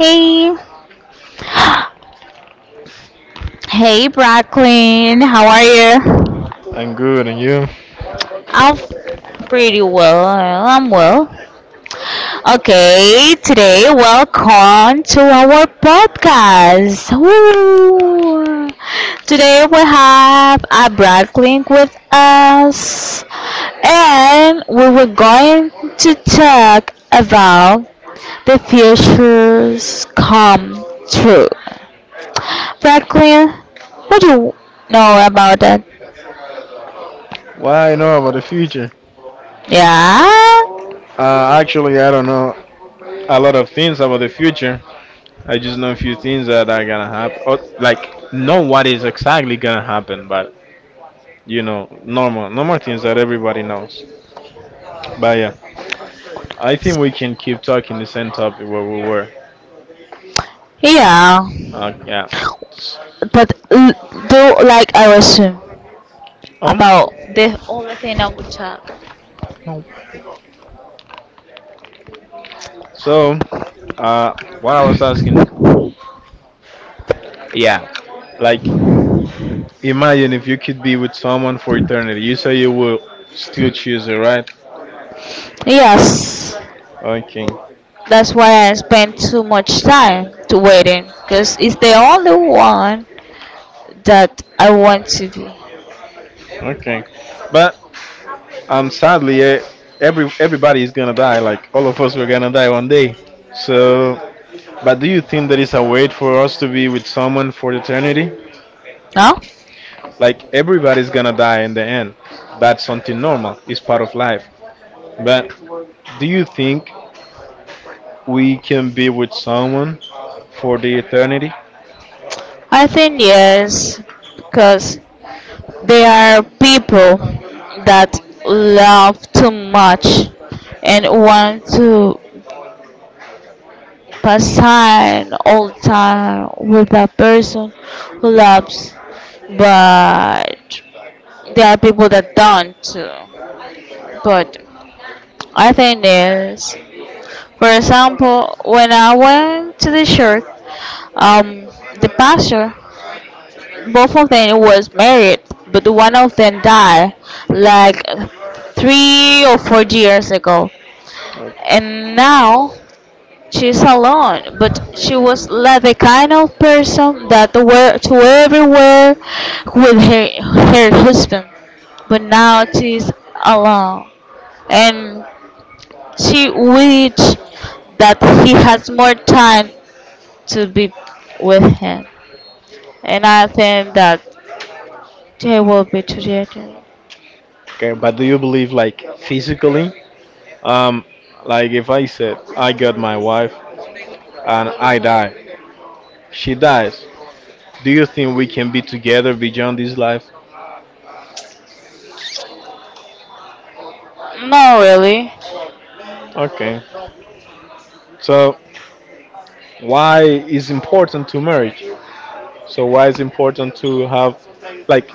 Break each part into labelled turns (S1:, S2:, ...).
S1: Hey, Bracklin, how are you?
S2: I'm good, and you?
S1: I'm pretty I'm well. Okay, today welcome to our podcast. Woo. Today we have a Bracklin with us, and we were going to talk about the futures come true. Franklin, what do you know about that?
S2: What I know about the future?
S1: Yeah,
S2: Actually, I don't know a lot of things about the future. I just know a few things that are gonna happen, or like know what is exactly gonna happen, but normal things that everybody knows. But yeah, I think we can keep talking the same topic where we were.
S1: yeah.
S2: Yeah. S-
S1: But do like I assume
S2: Um.
S1: about the only thing.
S2: No. So, uh, what I was asking, yeah, like, imagine if you could be with someone for eternity. You say you will still choose it, right?
S1: Yes,
S2: Okay,
S1: that's why I spend too much time to waiting because it's the only one that I want to be.
S2: okay. But sadly, everybody is gonna die. Like all of us, we're gonna die one day. So, but do you think there is a way for us to be with someone for eternity?
S1: No,
S2: Like everybody's gonna die in the end. That's something normal. It's part of life. But do you think we can be with someone for the eternity?
S1: I think yes because they are people that love too much and want to pass time all time with a person who loves, but there are people that don't too. But I think there's, for example, when I went to the church, um, the pastor both of them was married, but one of them died like 3 or 4 years ago,
S2: Okay.
S1: and now she's alone. But she was like the kind of person that were to everywhere with her husband, but now she's alone, and she wish that he has more time to be with him, and I think that they will be together.
S2: Okay, but do you believe like physically? Um, like if I said I got my wife and I die, she dies. Do you think we can be together beyond this life?
S1: Not really.
S2: Okay. So why is important to marriage? So why is important to have, like,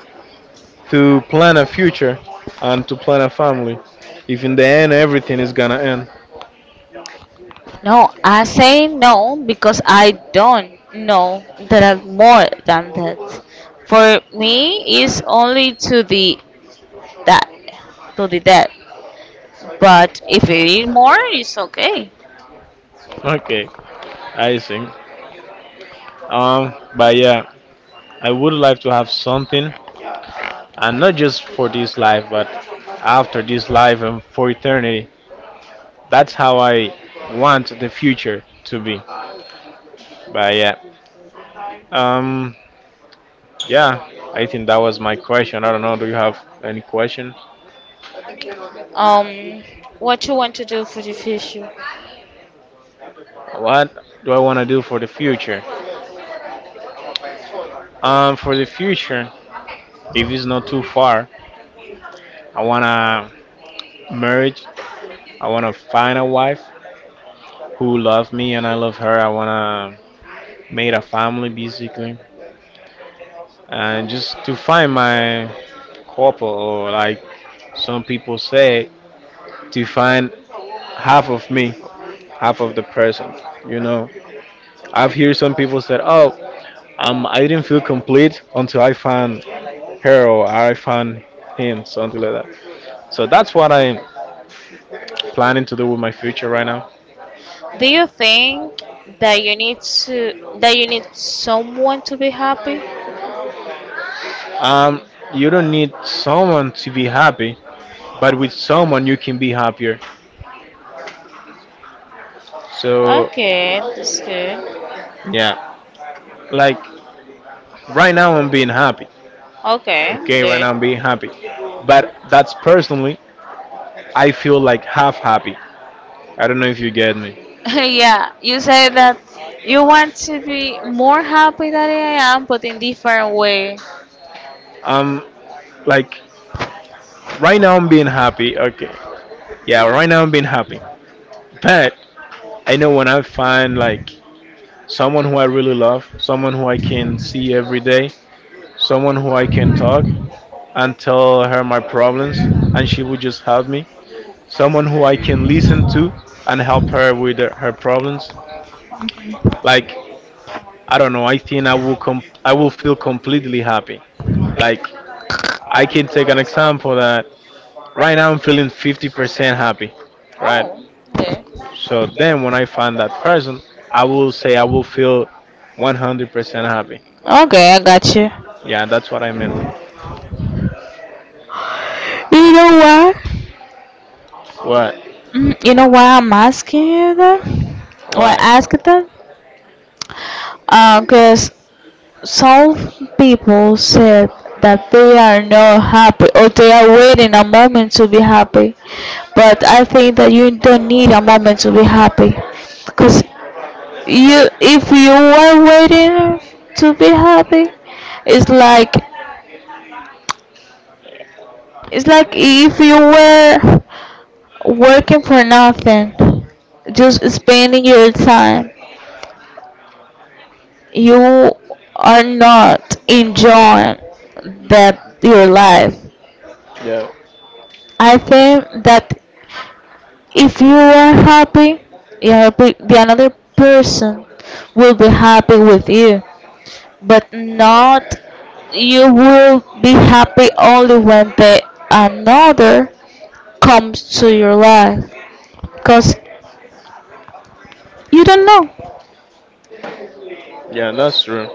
S2: to plan a future and to plan a family? If in the end everything is gonna end.
S1: No, I say no because I don't know there are more than that. For me, it's only to that the that. But if it is more, it's okay.
S2: Okay, I see. But yeah, I would like to have something, and not just for this life, but after this life and for eternity. That's how I want the future to be. But yeah, um, yeah, I think that was my question. I don't know. Do you have any question?
S1: Um, what you want to do for the future?
S2: What do I want to do for the future? For the future, if it's not too far, I wanna marriage. I wanna find a wife who loves me and I love her. I wanna make a family basically, and just to find my couple, or like, some people say, to find half of me, half of the person. You know, I've heard some people said, "Oh, I didn't feel complete until I found her, or I found him," something like that. So that's what I'm planning to do with my future right now.
S1: Do you think that you need someone to be happy?
S2: Um, you don't need someone to be happy, but with someone you can be happier. So
S1: Okay, that's good.
S2: yeah, like right now I'm being happy.
S1: Okay,
S2: Okay, right
S1: good.
S2: now I'm being happy, but that's personally. I feel like half happy. I don't know if you get me.
S1: Yeah, you say that you want to be more happy than I am, but in different way.
S2: Um, like right now I'm being happy. Okay, yeah, right now I'm being happy. But I know, when I find like someone who I really love, someone who I can see every day, someone who I can talk and tell her my problems, and she would just help me. Someone who I can listen to and help her with her problems. Like, I don't know. I think I will I will feel completely happy. Like, I can take an example that, right now, I'm feeling 50% happy, right?
S1: Oh, okay.
S2: So then, when I find that person, I will say I will feel 100% happy.
S1: Okay, I got you.
S2: Yeah, that's what I mean.
S1: You know what?
S2: What?
S1: You know why I'm asking you that? Or
S2: Why?
S1: ask that? Cause some people said that they are not happy or they are waiting a moment to be happy. But I think that you don't need a moment to be happy. Cause, you if you are waiting to be happy, it's like it's like if you were working for nothing, just spending your time, you are not enjoying that your life.
S2: Yeah,
S1: I think that if you are happy, you are the another person will be happy with you, but not. You will be happy only when the another comes to your life. Because you don't know.
S2: yeah, that's true.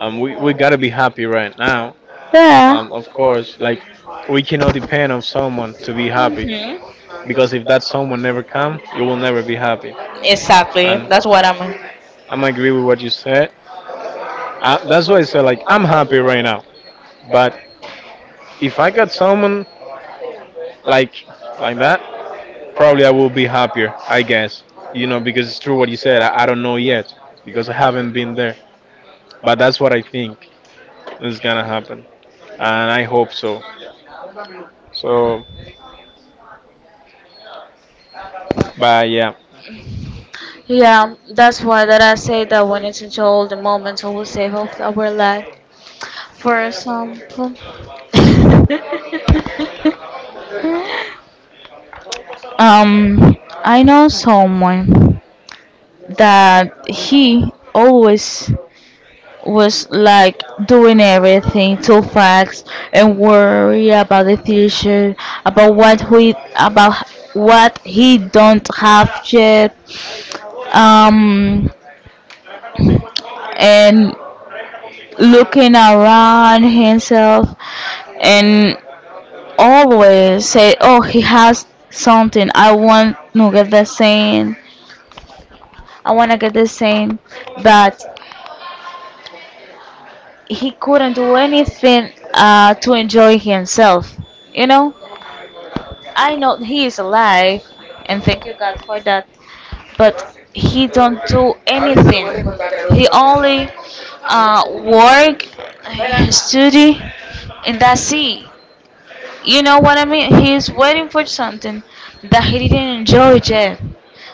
S2: We gotta be happy right now.
S1: Yeah.
S2: Of course, like, we cannot depend on someone to be happy,
S1: Hmm.
S2: because if that someone never come, you will never be happy.
S1: Exactly.
S2: And
S1: That's what I'm.
S2: I'm agree with what you said. That's why I said, like, I'm happy right now, but if I got someone like like that, probably I will be happier. I guess, because it's true what you said. I don't know yet, because I haven't been there, but that's what I think is gonna happen, and I hope so. So, but yeah,
S1: Yeah, that's why that I say that we need to enjoy all the moments we will save of our life. For example, Um, I know someone that he always was like doing everything too fast and worry about the future, about what he don't have yet, um, and looking around himself and always say, "Oh, he has something. I want to get the same. I want to get the same." But he couldn't do anything to enjoy himself. You know, I know he is alive, and thank you God for that. But he don't do anything. He only work, study, and that's it. You know what I mean? He is waiting for something that he didn't enjoy yet.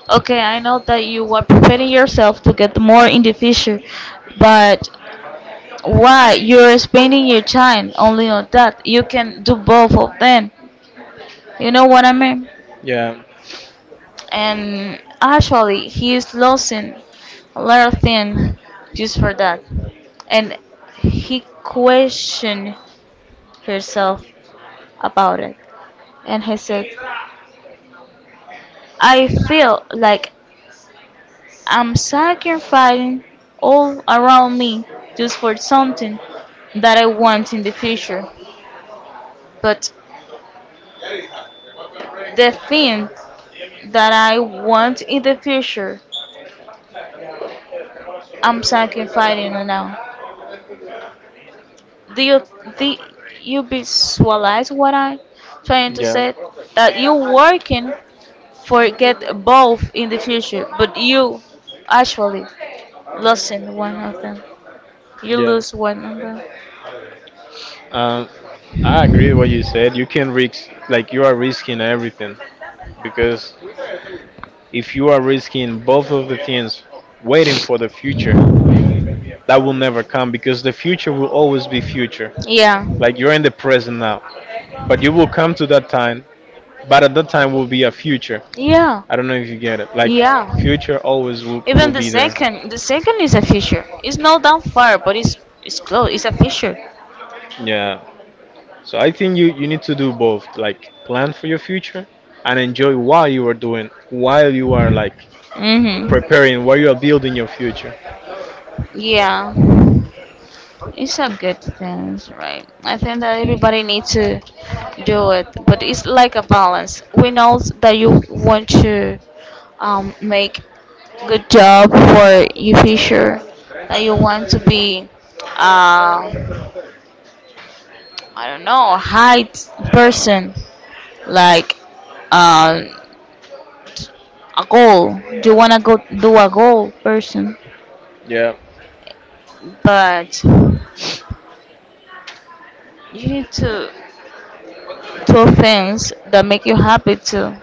S1: Okay, I know that you are preparing yourself to get more in the future, but why you're spending your time only on that? You can do both of them. You know what I mean?
S2: yeah,
S1: And actually, he is losing a lot of things just for that. And he questioned herself about it. And he said, I feel like I'm sacrificing all around me just for something that I want in the future. But the thing that I want in the future, I'm sacrificing it now. Do you do you visualize what I'm trying to
S2: yeah,
S1: say? That you working for get both in the future, but you actually losing one of them. You
S2: yeah.
S1: lose
S2: Lose work?
S1: one of them.
S2: Um, I agree with what you said. You can risk, like you are risking everything, because if you are risking both of the things, waiting for the future that will never come, because the future will always be future.
S1: Yeah.
S2: Like, you're in the present now, but you will come to that time, but at that time will be a future.
S1: Yeah.
S2: I don't know if you get it. Like,
S1: Yeah.
S2: future always will
S1: Even the
S2: be there.
S1: second, the second is a future. It's not that far, but it's close. It's a future.
S2: Yeah. So I think you need to do both, like plan for your future and enjoy while you are doing, while you are like
S1: Mm-hmm.
S2: preparing, while you are building your future.
S1: Yeah, it's a good thing, right? I think that everybody needs to do it, but it's like a balance. We know that you want to make good job for your future, that you want to be, uh, I don't know, high person, like uh, a goal. You wanna go do a goal person,
S2: Yeah.
S1: but you need to two things that make you happy too.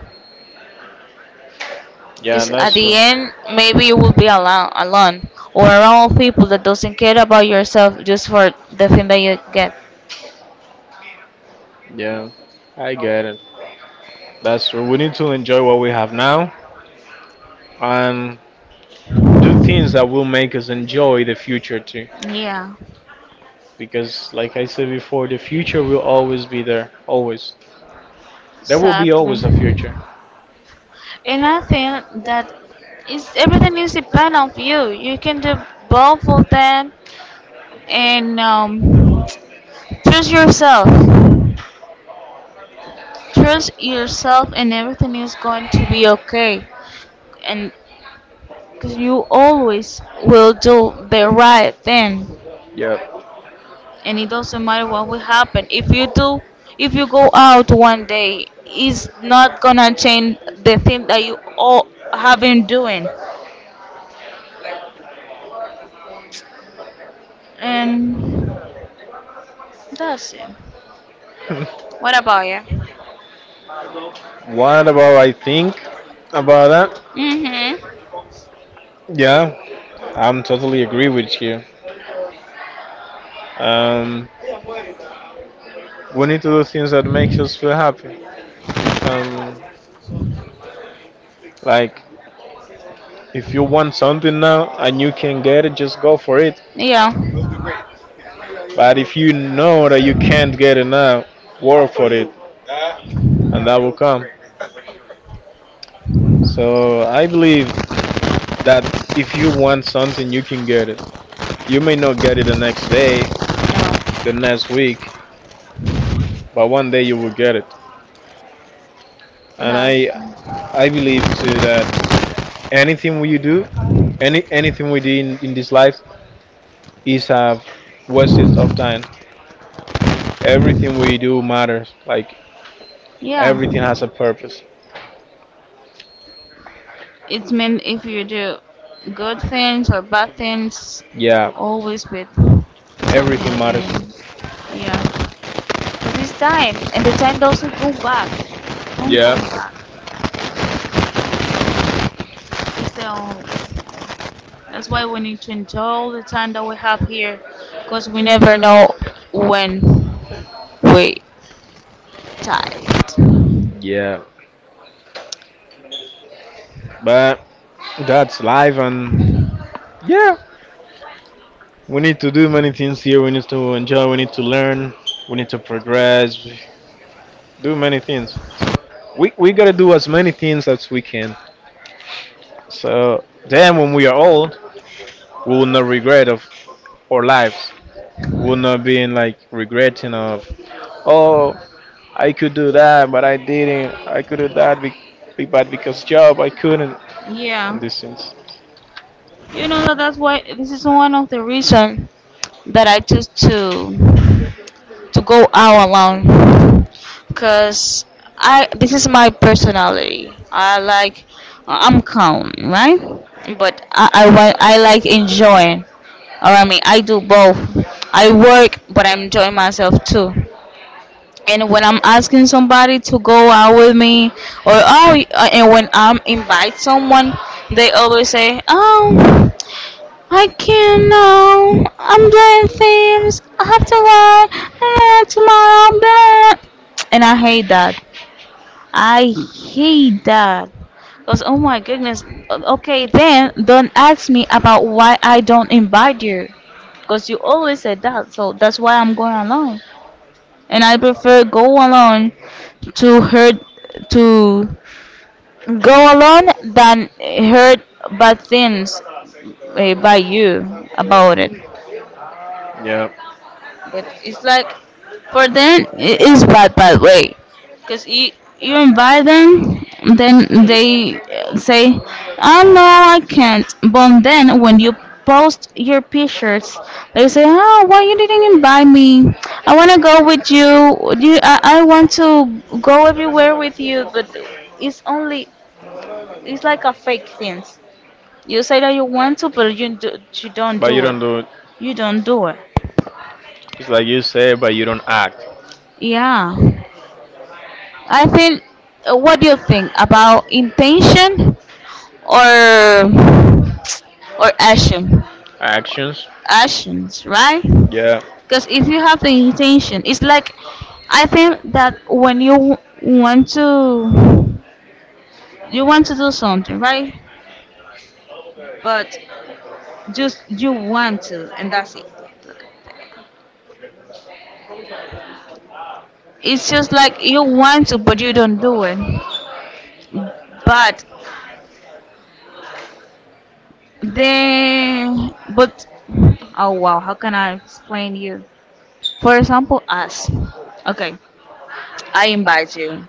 S2: Yeah,
S1: Because at
S2: that's
S1: the
S2: true.
S1: end, maybe you will be alone or around people that doesn't care about yourself just for the thing that you get.
S2: Yeah. I get it. That's true. We need to enjoy what we have now and do things that will make us enjoy the future too.
S1: Yeah.
S2: Because, like I said before, the future will always be there. Always. There will be
S1: Exactly.
S2: always a future.
S1: And I think that is everything is depend on you. You can do both of them and trust yourself. Trust yourself, and everything is going to be okay. And because you always will do the right thing.
S2: Yeah.
S1: And it doesn't matter what will happen. If you go out one day, it's not gonna change the thing that you all have been doing. And that's it. What about you?
S2: What about I think about that?
S1: Mhm.
S2: Yeah, I'm totally agree with you. Um, we need to do things that makes us feel happy. Um, Like, if you want something now and you can get it, just go for it.
S1: Yeah.
S2: But if you know that you can't get it now, work for it, and that will come. So I believe that, if you want something, you can get it. You may not get it the next day, the next week, but one day you will get it. And
S1: That's.
S2: I believe too that anything we do, anything we do in this life is a wastage of time. Everything we do matters. Like,
S1: Yeah.
S2: everything has a purpose.
S1: It meant if you do good things or bad things,
S2: Yeah.
S1: always with something
S2: Everything
S1: at the
S2: matters.
S1: end. Yeah. But it's time, and the time doesn't go back. Don't go
S2: Yeah.
S1: back. It's the only. That's why we need to enjoy all the time that we have here because we never know when we die.
S2: Yeah. But that's life, and yeah. We need to do many things here. We need to enjoy. We need to learn. We need to progress. Do many things. We gotta do as many things as we can. So then, when we are old, we will not regret of our lives. Would not be in, like, regretting of, oh, I could do that, but I didn't. I could do that, but because job, I couldn't.
S1: Yeah.
S2: And these things.
S1: You know that that's why this is one of the reasons that I choose to go out alone because I this is my personality. I like I'm calm, right? But want, I like enjoying. Or I mean, I do both. I work, but I enjoy myself too. And when I'm asking somebody to go out with me, or oh, and when I'm invite someone, they always say, "Oh, I can't know. I'm doing things. I have to work tomorrow." Blah, blah." And I hate that. I hate that. Cause oh my goodness. Okay, then don't ask me about why I don't invite you. Cause you always said that. So that's why I'm going alone, and I prefer go alone to hurt to go alone than hurt bad things by you about it.
S2: Yeah.
S1: But it's like for them it is bad way because you invite them, then they say oh no, I can't. But then when you post your pictures, they say oh why you didn't invite me, I want to go with you I want to go everywhere with you, but it's only, it's like a fake thing. You say that you want to, but you don't
S2: But you
S1: do it.
S2: don't do it.
S1: You don't do it.
S2: It's like you say, but you don't act.
S1: Yeah. I think, what do you think about intention or action?
S2: Actions.
S1: Actions, right?
S2: Yeah.
S1: Because if you have the intention, it's like I think that when you want to, you want to do something, right? But just you want to, and that's it. It's just like you want to, but you don't do it. But but oh wow, how can I explain you? For example, us. Okay, I invite you,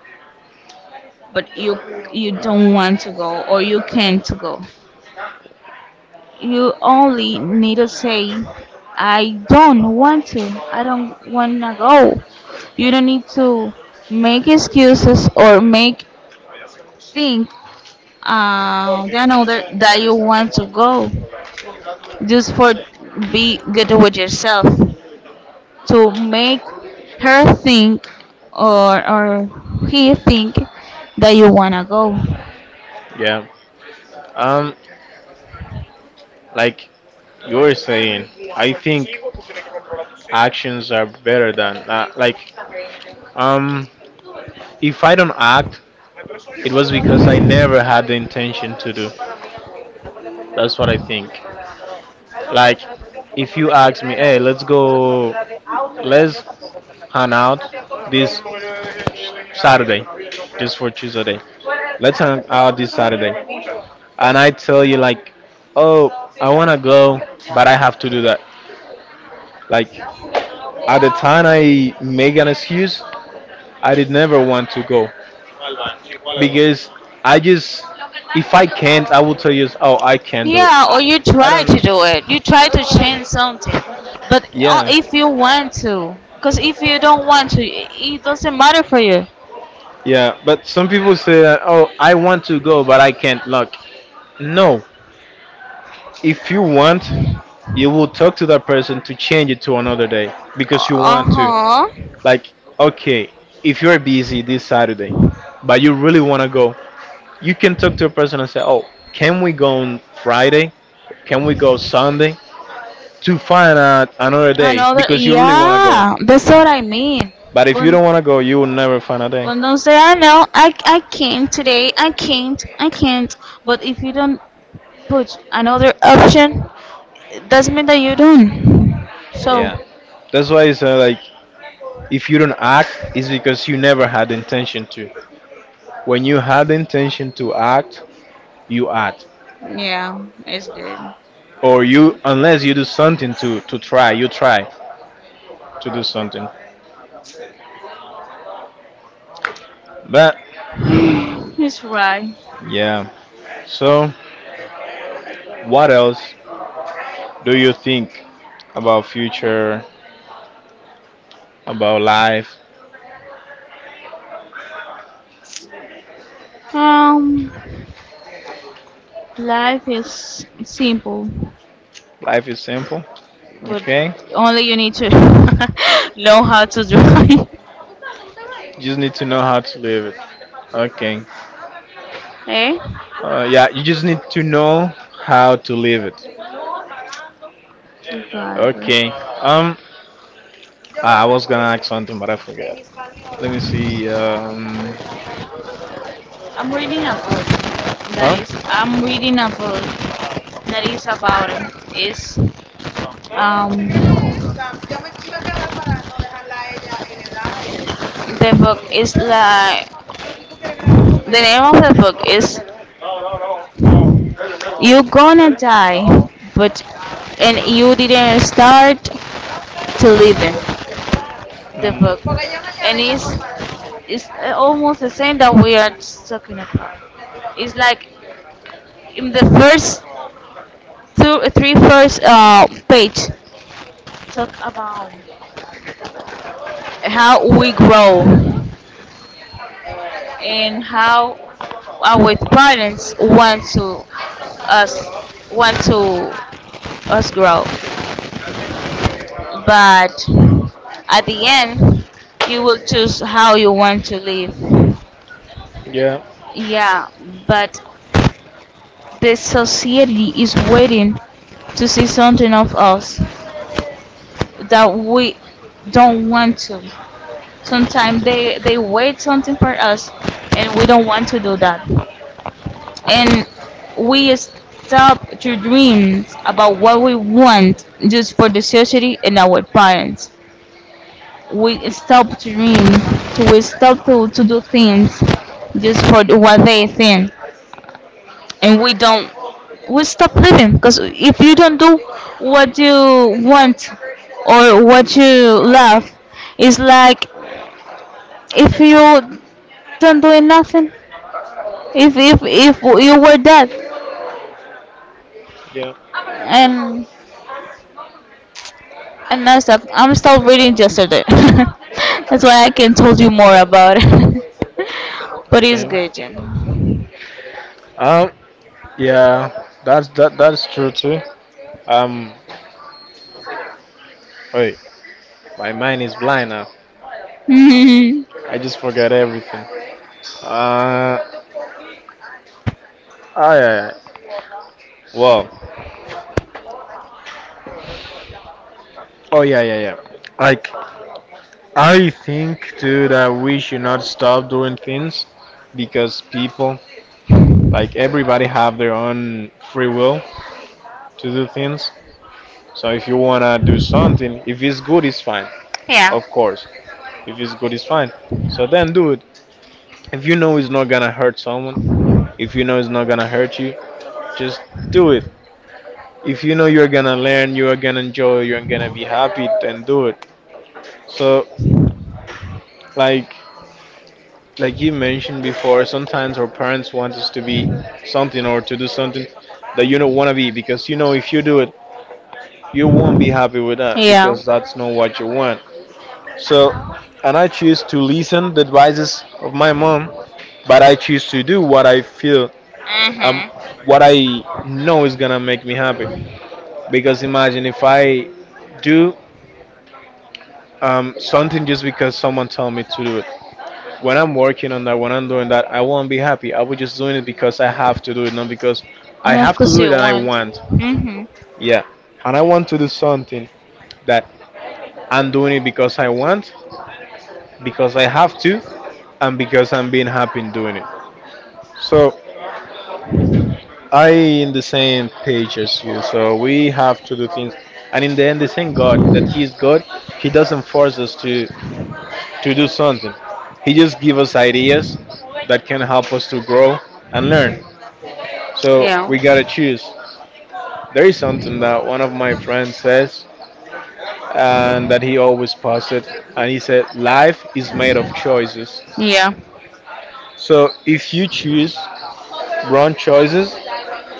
S1: but you don't want to go or you can't to go. You only need to say, I don't want to. I don't wanna go. You don't need to make excuses or make think then other that you want to go just for be good with yourself, to make her think or he think that you wanna go.
S2: Yeah. Um, like you were saying, I think actions are better than like um. If I don't act, it was because I never had the intention to do. That's what I think. Like, if you ask me, hey, let's go, let's hang out this Saturday, just for Tuesday. Let's hang out this Saturday. And I tell you, like, oh, I want to go, but I have to do that. Like, at the time I make an excuse, I did never want to go, because I just, if I can't, I will tell you, oh, I can't do it.
S1: Yeah, or
S2: I,
S1: you
S2: I
S1: try
S2: don't.
S1: to do it. You try to change something.
S2: But not.
S1: But
S2: Yeah.
S1: if you want to, because if you don't want to, it doesn't matter for you.
S2: Yeah, but some people say that, oh, I want to go, but I can't look. No, if you want, you will talk to that person to change it to another day, because you
S1: Uh
S2: want to. No,
S1: huh.
S2: like, okay, if you're busy this Saturday, but you really want to go, you can talk to a person and say, oh, can we go on Friday? Can we go Sunday? To find out another day, another,
S1: Another
S2: because you really want to go.
S1: yeah, that's what I mean.
S2: But if you don't want to
S1: But
S2: go, you will never find a day.
S1: But don't say I know I can't today. I can't. I can't. But if you don't put another option, it doesn't mean that you don't. So
S2: Yeah. That's why it's, like, if you don't act, it's because you never had the intention to. When you had the intention to act, you act.
S1: yeah, it's good.
S2: Or you, unless you do something to try, you try to do something. But
S1: It's right.
S2: yeah. So what else do you think about future, about life?
S1: Um, life is simple,
S2: Life is simple.
S1: but
S2: Okay.
S1: only you need to know how to drive.
S2: You just need to know how to live it. Okay.
S1: Eh?
S2: Yeah, you just need to know how to live it.
S1: To drive.
S2: Okay. Um, I was gonna ask something, but I forgot. Let me see.
S1: I'm reading a book
S2: Huh?
S1: I'm reading a book that is about it. It's um The book is like the name of the book is "You Gonna Die," but and you didn't start to live in the
S2: Mm,
S1: book, and it's almost the same that we are talking about. It's like in the first two, three first page talk about how we grow and how our parents us want to us grow, but at the end you will choose how you want to live.
S2: yeah,
S1: Yeah, but the society is waiting to see something of us that we don't want to. Sometimes they wait something for us, and we don't want to do that, and we stop to dream about what we want just for the society and our parents. We stop to dream. We stop to do things just for what they think, and we don't. We stop living because if you don't do what you want or what you love, it's like if you don't do nothing. If you were dead,
S2: yeah.
S1: and and that's that. I'm still reading yesterday. That's why I can tell you more about it. But it's
S2: Okay.
S1: good, Jen.
S2: Um, yeah. That's that. That's true too. Um, Wait. My mind is blind now. I just forgot everything. Uh, oh yeah. Yeah. Well. Oh yeah, yeah, yeah. Like, I think too that we should not stop doing things because people, like everybody, have their own free will to do things. So if you wanna do something, if it's good, it's fine.
S1: Yeah.
S2: Of course, if it's good, it's fine. So then do it. If you know it's not gonna hurt someone, if you know it's not gonna hurt you, just do it. If you know you're gonna learn, you are gonna enjoy, you're gonna be happy, then do it. So, like like you mentioned before, sometimes our parents want us to be something or to do something that you don't want to be, because you know if you do it, you won't be happy with that,
S1: Yeah.
S2: because that's not
S1: What.
S2: what you want. So, and I choose to listen the advices of my mom, but I choose to do what I feel, um
S1: Mhm.
S2: what I know is gonna make me happy. Because imagine if I do, something just because someone told me to do, when I'm working on that, when I'm doing that, I won't be happy. I will just doing it because I have to do it, not because
S1: I.
S2: I
S1: And of have to
S2: have to
S1: course
S2: do it and I want.
S1: do. Mhm.
S2: Yeah. And I want to do something that I'm doing it because I want, because I have to, and because I'm being happy in doing it. So I in the same page as you. So we have to do things, and in the end the same God that He is God, He doesn't force us to do something. He just gives us ideas that can help us to grow and learn. So we gotta choose. There is something that one of my friends says, and that he always posted, and he said, life is made of choices.
S1: Yeah.
S2: So if you choose wrong choices,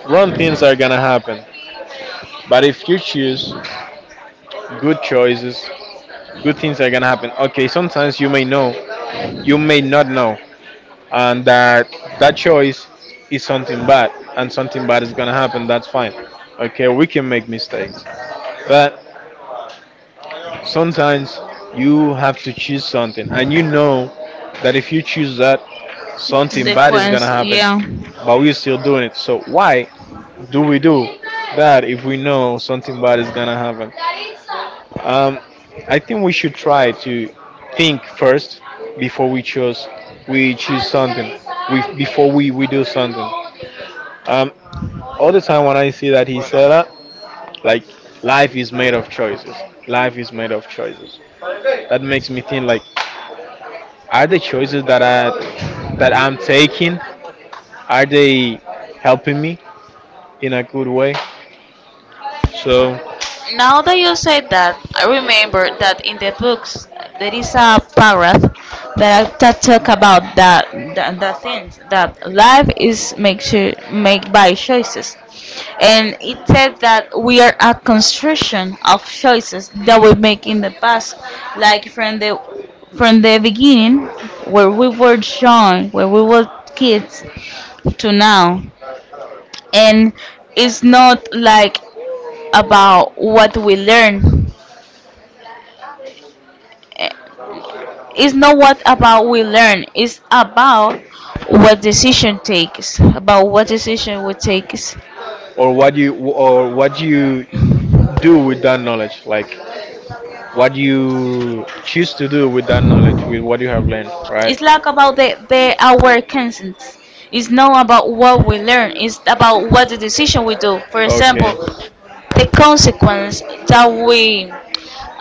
S2: wrong things are gonna happen. But if you choose good choices, good things are gonna happen. Okay, sometimes you may know, you may not know, and that choice is something bad, and something bad is gonna happen. That's fine. Okay, we can make mistakes, but sometimes you have to choose something, and you know that if you choose that, something bad is
S1: Going
S2: gonna happen,
S1: yeah.
S2: but we're still doing it. So why do we do that, if we know something bad is gonna happen? Um, I think we should try to think first before we choose something. We Before we do something. Um, all the time when I see that he said that, like, life is made of choices. Life is made of choices. That makes me think, like, are the choices that I'm taking, are they helping me in a good way? So,
S1: Now that you say that, I remember that in the books there is a paragraph that talk about that things that life is make sure, make by choices, and it said that we are a construction of choices that we make in the past, like from the beginning where we were kids to now. And it's not like about what we learn. Eh, It's not what about we learn. It's about what decision takes. About what decision we takes.
S2: or what you, do with that knowledge, like what you choose to do with that knowledge, with what you have learned, right?
S1: It's like about the our consent. It's not about what we learn. It's about what the decision we do. For example,
S2: Okay.
S1: the consequence that we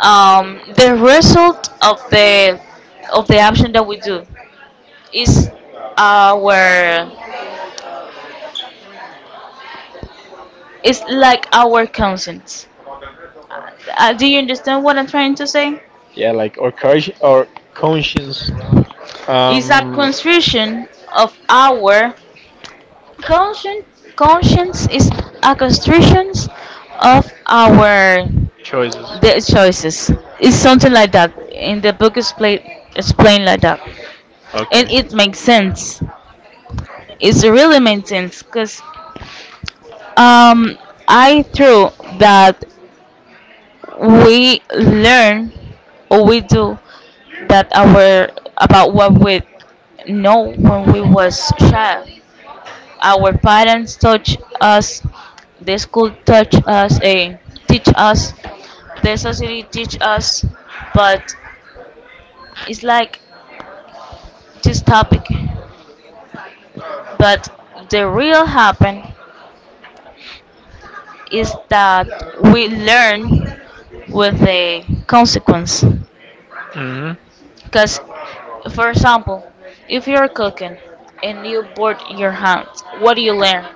S1: the result of the action that we do is our, it's like our consent. Do you understand what I'm trying to say?
S2: Yeah, like, or courage, or conscience.
S1: It's a
S2: Um.
S1: constriction of our conscience. Conscience is a constriction of our
S2: Choices.
S1: the choices. It's something like that. In the book, is played explained like that, and it makes sense. It really makes sense because um, I threw that we learn or we do that our about what we know when we was child. Our parents touch us, the school touch us, teach us, the society teach us, but it's like this topic. But the real happen is that we learn with the consequence.
S2: Hmm.
S1: Because, for example, if you're cooking and you board your hands, what do you learn?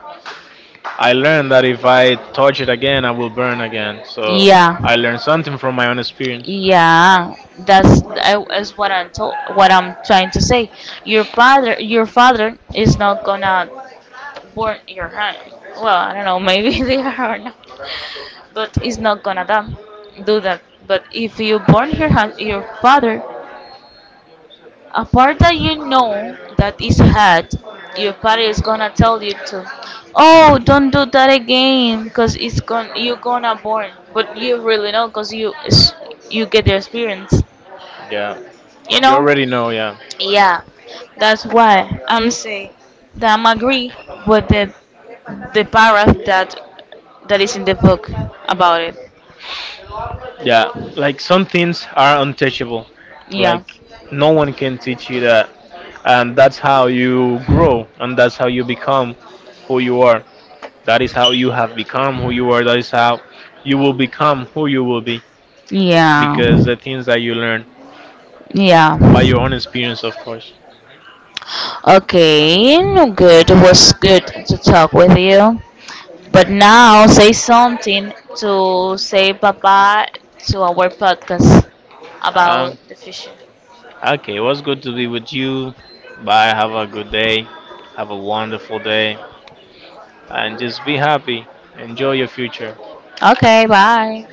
S2: I learned that if I touch it again, I will burn again. So
S1: Yeah,
S2: I learned something from my own experience.
S1: yeah. That's I- is what I'm told, what I'm trying to say. Your father is not gonna burn your hand. Well, I don't know, maybe they are or not, but it's not gonna do that. But if you burn your hand, your father a part that you know that is hard, your father is gonna tell you to, oh, don't do that again, because it's going you're gonna burn. But you really know, because you get the experience,
S2: Yeah.
S1: you
S2: You
S1: know.
S2: already know, yeah.
S1: Yeah, that's why I'm saying that I'm agree with the paragraph that is in the book about it.
S2: Yeah. Like, some things are untouchable.
S1: Yeah,
S2: Like, no one can teach you that. And that's how you grow, and that's how you become who you are. That is how you have become who you are. That is how you will become who you will be.
S1: yeah,
S2: Because the things that you learn
S1: yeah.
S2: by your own experience, of course.
S1: Okay, no good. It was good to talk with you. But now say something to say bye-bye to our podcast about
S2: Um,
S1: the fishing.
S2: okay, it was good to be with you. Bye. Have a good day. Have a wonderful day. And just be happy. Enjoy your future.
S1: Okay, bye.